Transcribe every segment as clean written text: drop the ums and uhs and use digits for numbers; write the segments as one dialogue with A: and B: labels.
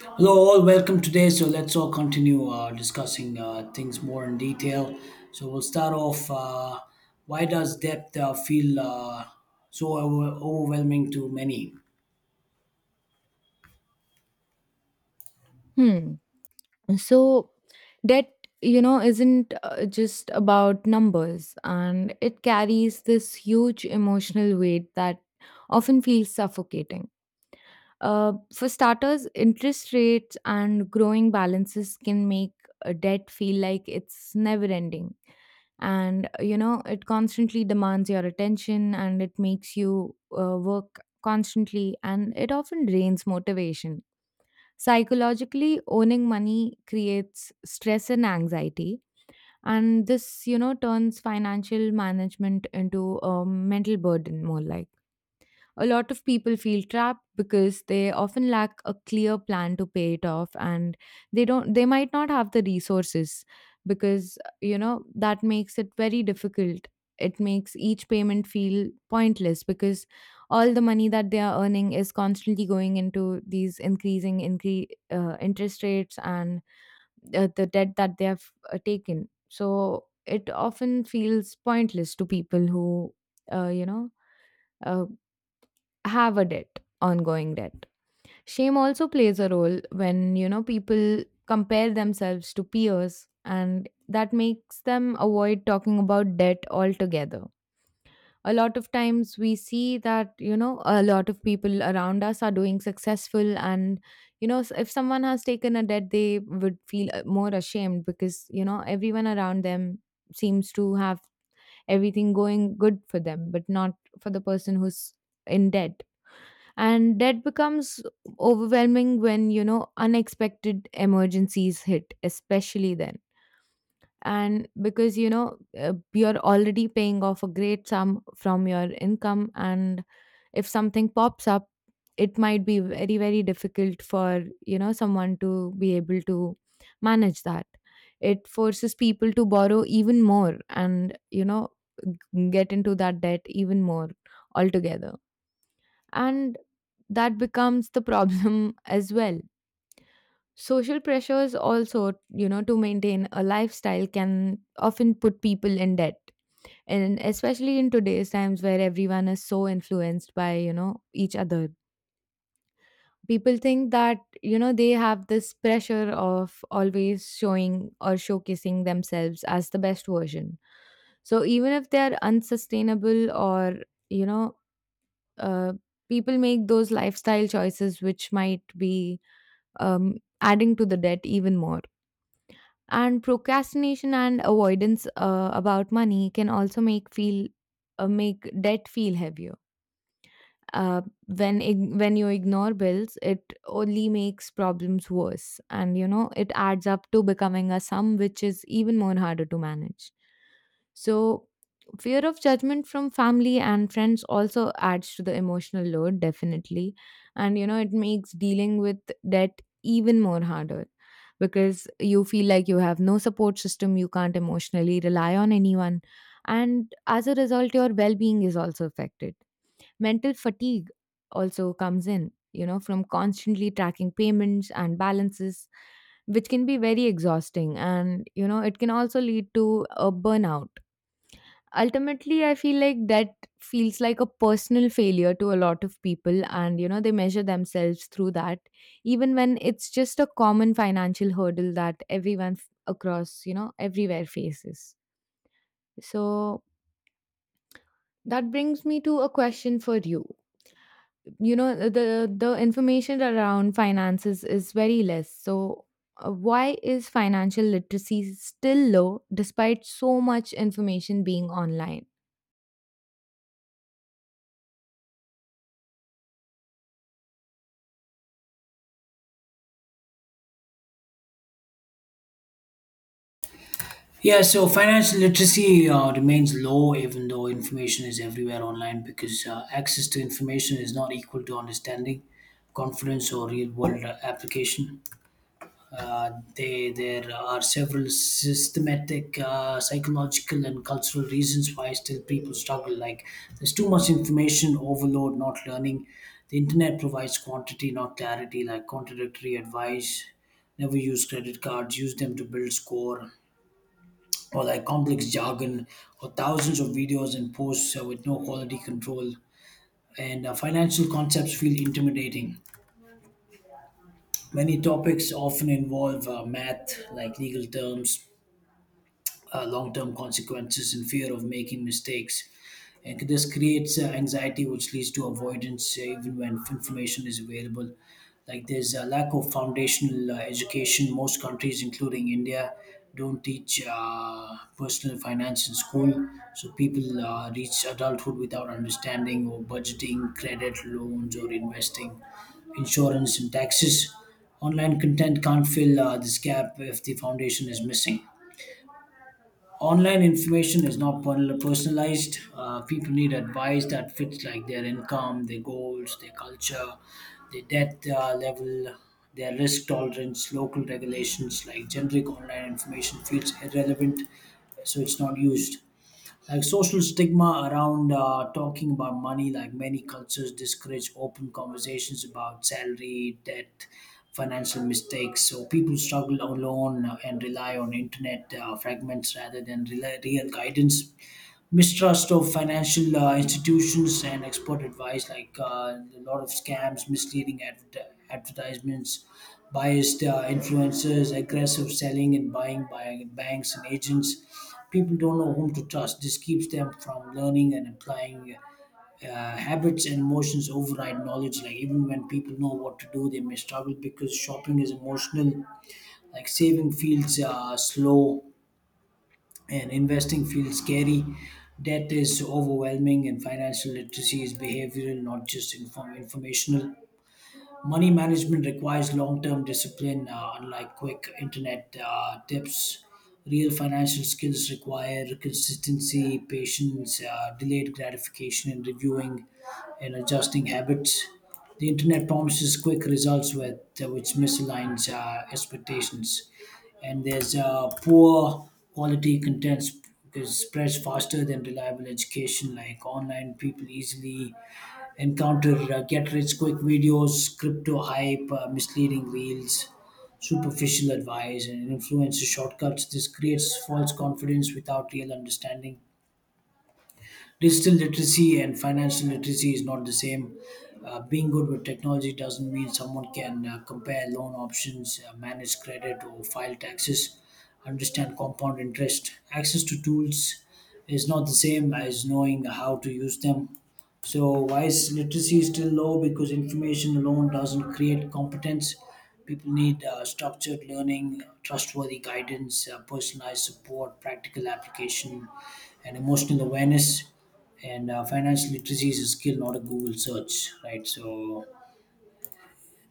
A: Hello, all. Welcome today. So let's all continue discussing things more in detail. So we'll start off. Why does debt feel overwhelming to many?
B: Hmm. So debt, you know, isn't just about numbers, and it carries this huge emotional weight that often feels suffocating. For starters, interest rates and growing balances can make a debt feel like it's never ending. It constantly demands your attention and it makes you work constantly, and it often drains motivation. Psychologically, owning money creates stress and anxiety, and this, turns financial management into a mental burden more like. A lot of people feel trapped because they often lack a clear plan to pay it off, and they might not have the resources because that makes it very difficult. It makes each payment feel pointless because all the money that they are earning is constantly going into these increasing interest rates and the debt that they have taken. So it often feels pointless to people who, uh, you know, uh, have a debt, ongoing debt. Shame also plays a role when, people compare themselves to peers, and that makes them avoid talking about debt altogether. A lot of times we see that, a lot of people around us are doing successful, and if someone has taken a debt they would feel more ashamed because everyone around them seems to have everything going good for them, but not for the person who's in debt. And that becomes overwhelming when, unexpected emergencies hit, especially then. And because you're already paying off a great sum from your income, and if something pops up, it might be very very difficult for someone to be able to manage that. It forces people to borrow even more, and get into that debt even more altogether, and that becomes the problem as well. Social pressures also, to maintain a lifestyle, can often put people in debt, and especially in today's times where everyone is so influenced by, each other. People think that, they have this pressure of always showing or showcasing themselves as the best version. So even if they are unsustainable, or, you know uh, people make those lifestyle choices which might be, um, adding to the debt even more. And procrastination and avoidance about money can also make feel, make debt feel heavier. uh, when when you ignore bills it only makes problems worse, and it adds up to becoming a sum which is even more harder to manage. So, fear of judgment from family and friends also adds to the emotional load, definitely. And, it makes dealing with debt even more harder, because you feel like you have no support system, you can't emotionally rely on anyone. And as a result, your well being is also affected. Mental fatigue also comes in, from constantly tracking payments and balances, which can be very exhausting. And, it can also lead to a burnout. Ultimately, I feel like that feels like a personal failure to a lot of people, and they measure themselves through that, even when it's just a common financial hurdle that everyone across, everywhere faces. So that brings me to a question for you. You know, the information around finances is very less. So why is financial literacy still low despite so much information being online?
A: Yeah. So financial literacy remains low, even though information is everywhere online, because access to information is not equal to understanding, confidence, or real-world application. Uh, there are several systematic, psychological, and cultural reasons why still people struggle. Like there's too much information overload, not learning. The internet provides quantity, not clarity. Like contradictory advice. Never use credit cards. Use them to build score, or like complex jargon, or thousands of videos and posts with no quality control. And financial concepts feel intimidating. Many topics often involve math, like legal terms, long-term consequences and fear of making mistakes. And this creates anxiety, which leads to avoidance, even when information is available. Like there's a lack of foundational education. Most countries, including India, don't teach personal finance in school, so people reach adulthood without understanding or budgeting, credit loans, or investing, insurance, and taxes. Online content can't fill this gap if the foundation is missing. Online information is not personalized. People need advice that fits like their income, their goals, their culture, their debt level, their risk tolerance, local regulations. Like generic online information feels irrelevant, so it's not used. Like social stigma around talking about money, like many cultures discourage open conversations about salary, debt, financial mistakes, so people struggle alone, and rely on internet fragments rather than real guidance. Mistrust of financial institutions and expert advice, like a lot of scams, misleading advertisements, biased influencers, aggressive selling and buying by banks and agents. People don't know whom to trust. This keeps them from learning and applying. uh, Habits and emotions override knowledge. Like even when people know what to do, they may struggle because shopping is emotional. Like saving feels slow and investing feels scary. Debt is overwhelming, and financial literacy is behavioral, not just informational. Money management requires long term discipline, unlike quick internet tips. Real financial skills require consistency, patience, delayed gratification and reviewing and adjusting habits. The internet promises quick results, which misaligns expectations. And there's poor quality content sp- is spreads faster than reliable education. Like online, people easily encounter get-rich-quick videos, crypto hype, misleading reels, superficial advice, and influencer shortcuts. This creates false confidence without real understanding. Digital literacy and financial literacy is not the same. Being good with technology doesn't mean someone can compare loan options, manage credit, or file taxes, understand compound interest. Access to tools is not the same as knowing how to use them. So, why is literacy still low? Because information alone doesn't create competence. People need structured learning, trustworthy guidance, personalized support, practical application, and emotional awareness. And financial literacy is a skill, not a Google search, right? So,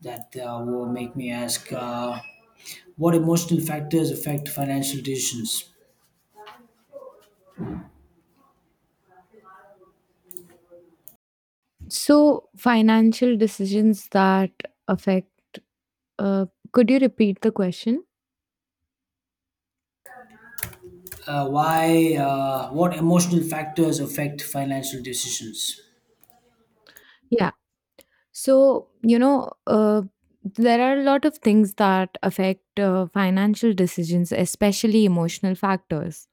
A: that will make me ask, what emotional factors affect financial decisions?
B: So, financial decisions that affect, uh, could you repeat the question?
A: Why? What emotional factors affect financial decisions?
B: Yeah. So, there are a lot of things that affect financial decisions, especially emotional factors.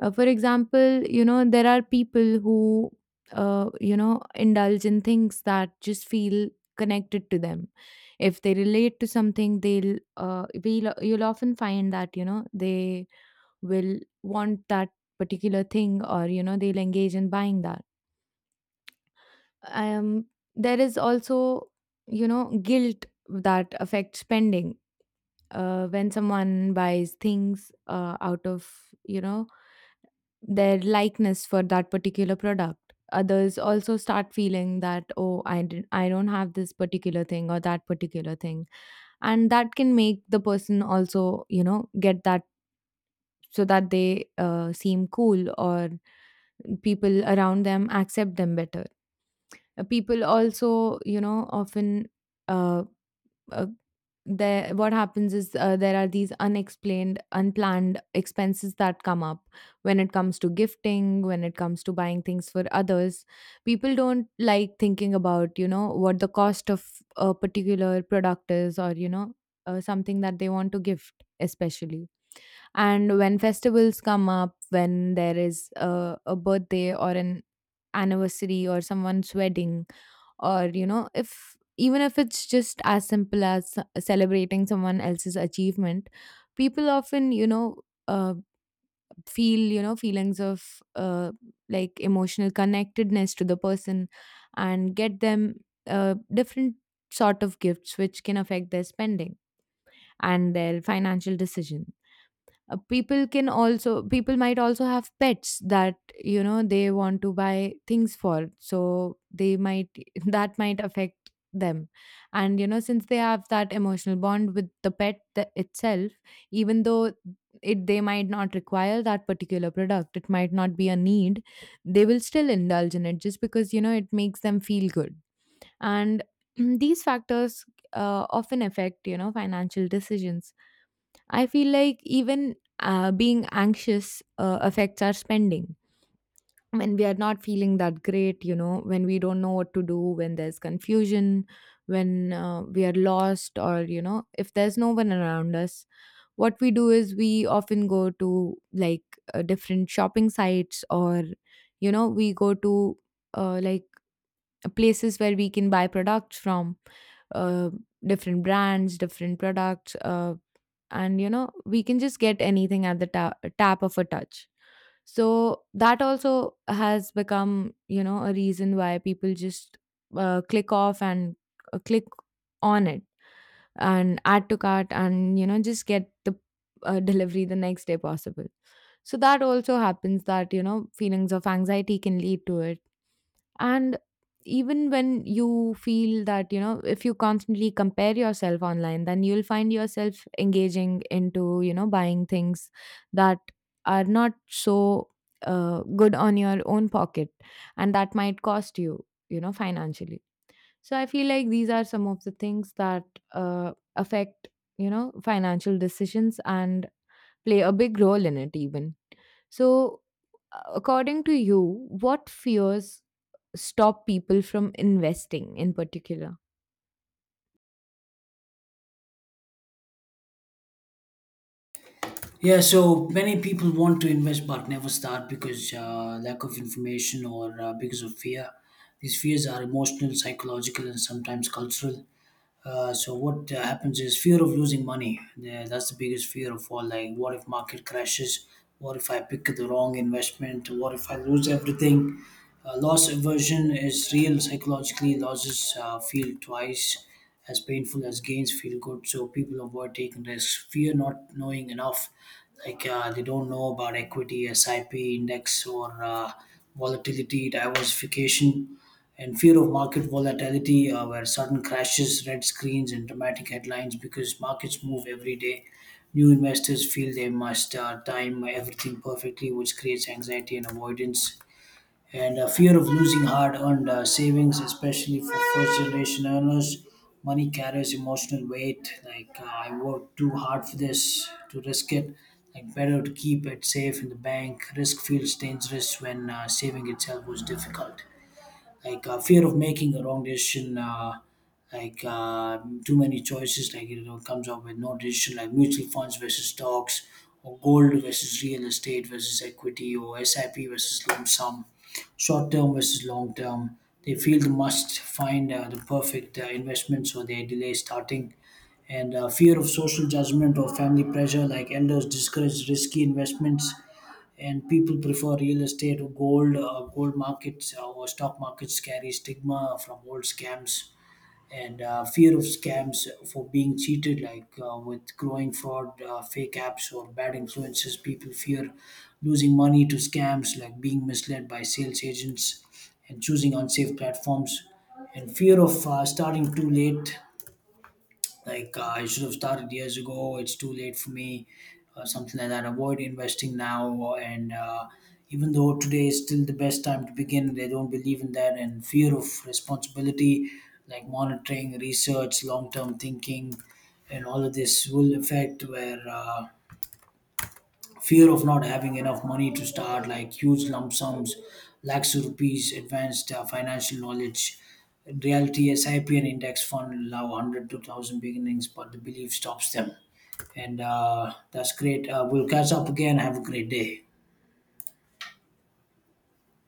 B: For example, there are people who, indulge in things that just feel connected to them. If they relate to something, you'll often find that, they will want that particular thing, or they'll engage in buying that. um there is also, guilt that affects spending when someone buys things out of, you know their likeness for that particular product. Others also start feeling that, oh, I don't have this particular thing or that particular thing, and that can make the person also, get that, so that they seem cool or people around them accept them better. People also, you know often uh, uh, there what happens is, there are these unexplained unplanned expenses that come up when it comes to gifting, when it comes to buying things for others. People don't like thinking about, what the cost of a particular product is, or something that they want to gift, especially. And when festivals come up, when there is a birthday, or an anniversary, or someone's wedding, or if even if it's just as simple as celebrating someone else's achievement, people often, uh, feelings of, like emotional connectedness to the person, and get them different sort of gifts, which can affect their spending and their financial decision. People might also have pets that, they want to buy things for, so they might that might affect them. And since they have that emotional bond with the pet itself, even though it they might not require that particular product, it might not be a need, they will still indulge in it just because, it makes them feel good. And these factors often affect, financial decisions. I feel like even being anxious affects our spending. When we are not feeling that great, when we don't know what to do, when there's confusion, when we are lost, or, if there's no one around us, what we do is we often go to like different shopping sites, or, we go to uh, like places where we can buy products from, uh, different brands, different products, and we can just get anything at the tap of a touch. So that also has become, a reason why people just click off, and click on it, and add to cart, and just get the delivery the next day possible. So that also happens, that, feelings of anxiety can lead to it. And even when you feel that, if you constantly compare yourself online, then you'll find yourself engaging into, buying things that are not so good on your own pocket. And that might cost you, financially. So I feel like these are some of the things that affect, financial decisions and play a big role in it, even. So, according to you, what fears stop people from investing in particular?
A: Yeah, so many people want to invest but never start because lack of information or because of fear. These fears are emotional, psychological, and sometimes cultural. So what happens is fear of losing money. Yeah, that's the biggest fear of all. Like, what if market crashes? What if I pick the wrong investment? What if I lose everything? Loss aversion is real psychologically. Losses feel twice as painful as gains feel good. So people avoid taking risks. Fear not knowing enough. Like they don't know about equity, SIP index, or volatility diversification, and fear of market volatility, where sudden crashes, red screens, and dramatic headlines, because markets move every day. New investors feel they must time everything perfectly, which creates anxiety and avoidance. And fear of losing hard earned savings, especially for first generation earners. Money carries emotional weight, like, I worked too hard for this to risk it. Like better to keep it safe in the bank. Risk feels dangerous when saving itself was difficult. Like fear of making a wrong decision, like uh, too many choices, like, you know, comes up with no decision, like mutual funds versus stocks, or gold versus real estate versus equity, or sip versus lump sum, short term versus long term. They feel they must find the perfect investment, so they delay starting. And fear of social judgment or family pressure, like elders discourage risky investments and people prefer real estate or gold. Gold markets or stock markets carry stigma from old scams. And fear of scams for being cheated, like with growing fraud, fake apps, or bad influences. People fear losing money to scams, like being misled by sales agents and choosing unsafe platforms. And fear of starting too late, like, I should have started years ago. It's too late for me, something like that. Avoid investing now, and even though today is still the best time to begin, they don't believe in that. And fear of responsibility, like monitoring, research, long-term thinking, and all of this will affect where. Fear of not having enough money to start, like huge lump sums, lakhs of rupees, advanced financial knowledge. In reality, sip and index fund allow 100 to 1,000 beginnings, but the belief stops them. And that's great. We'll catch up again. Have a great day.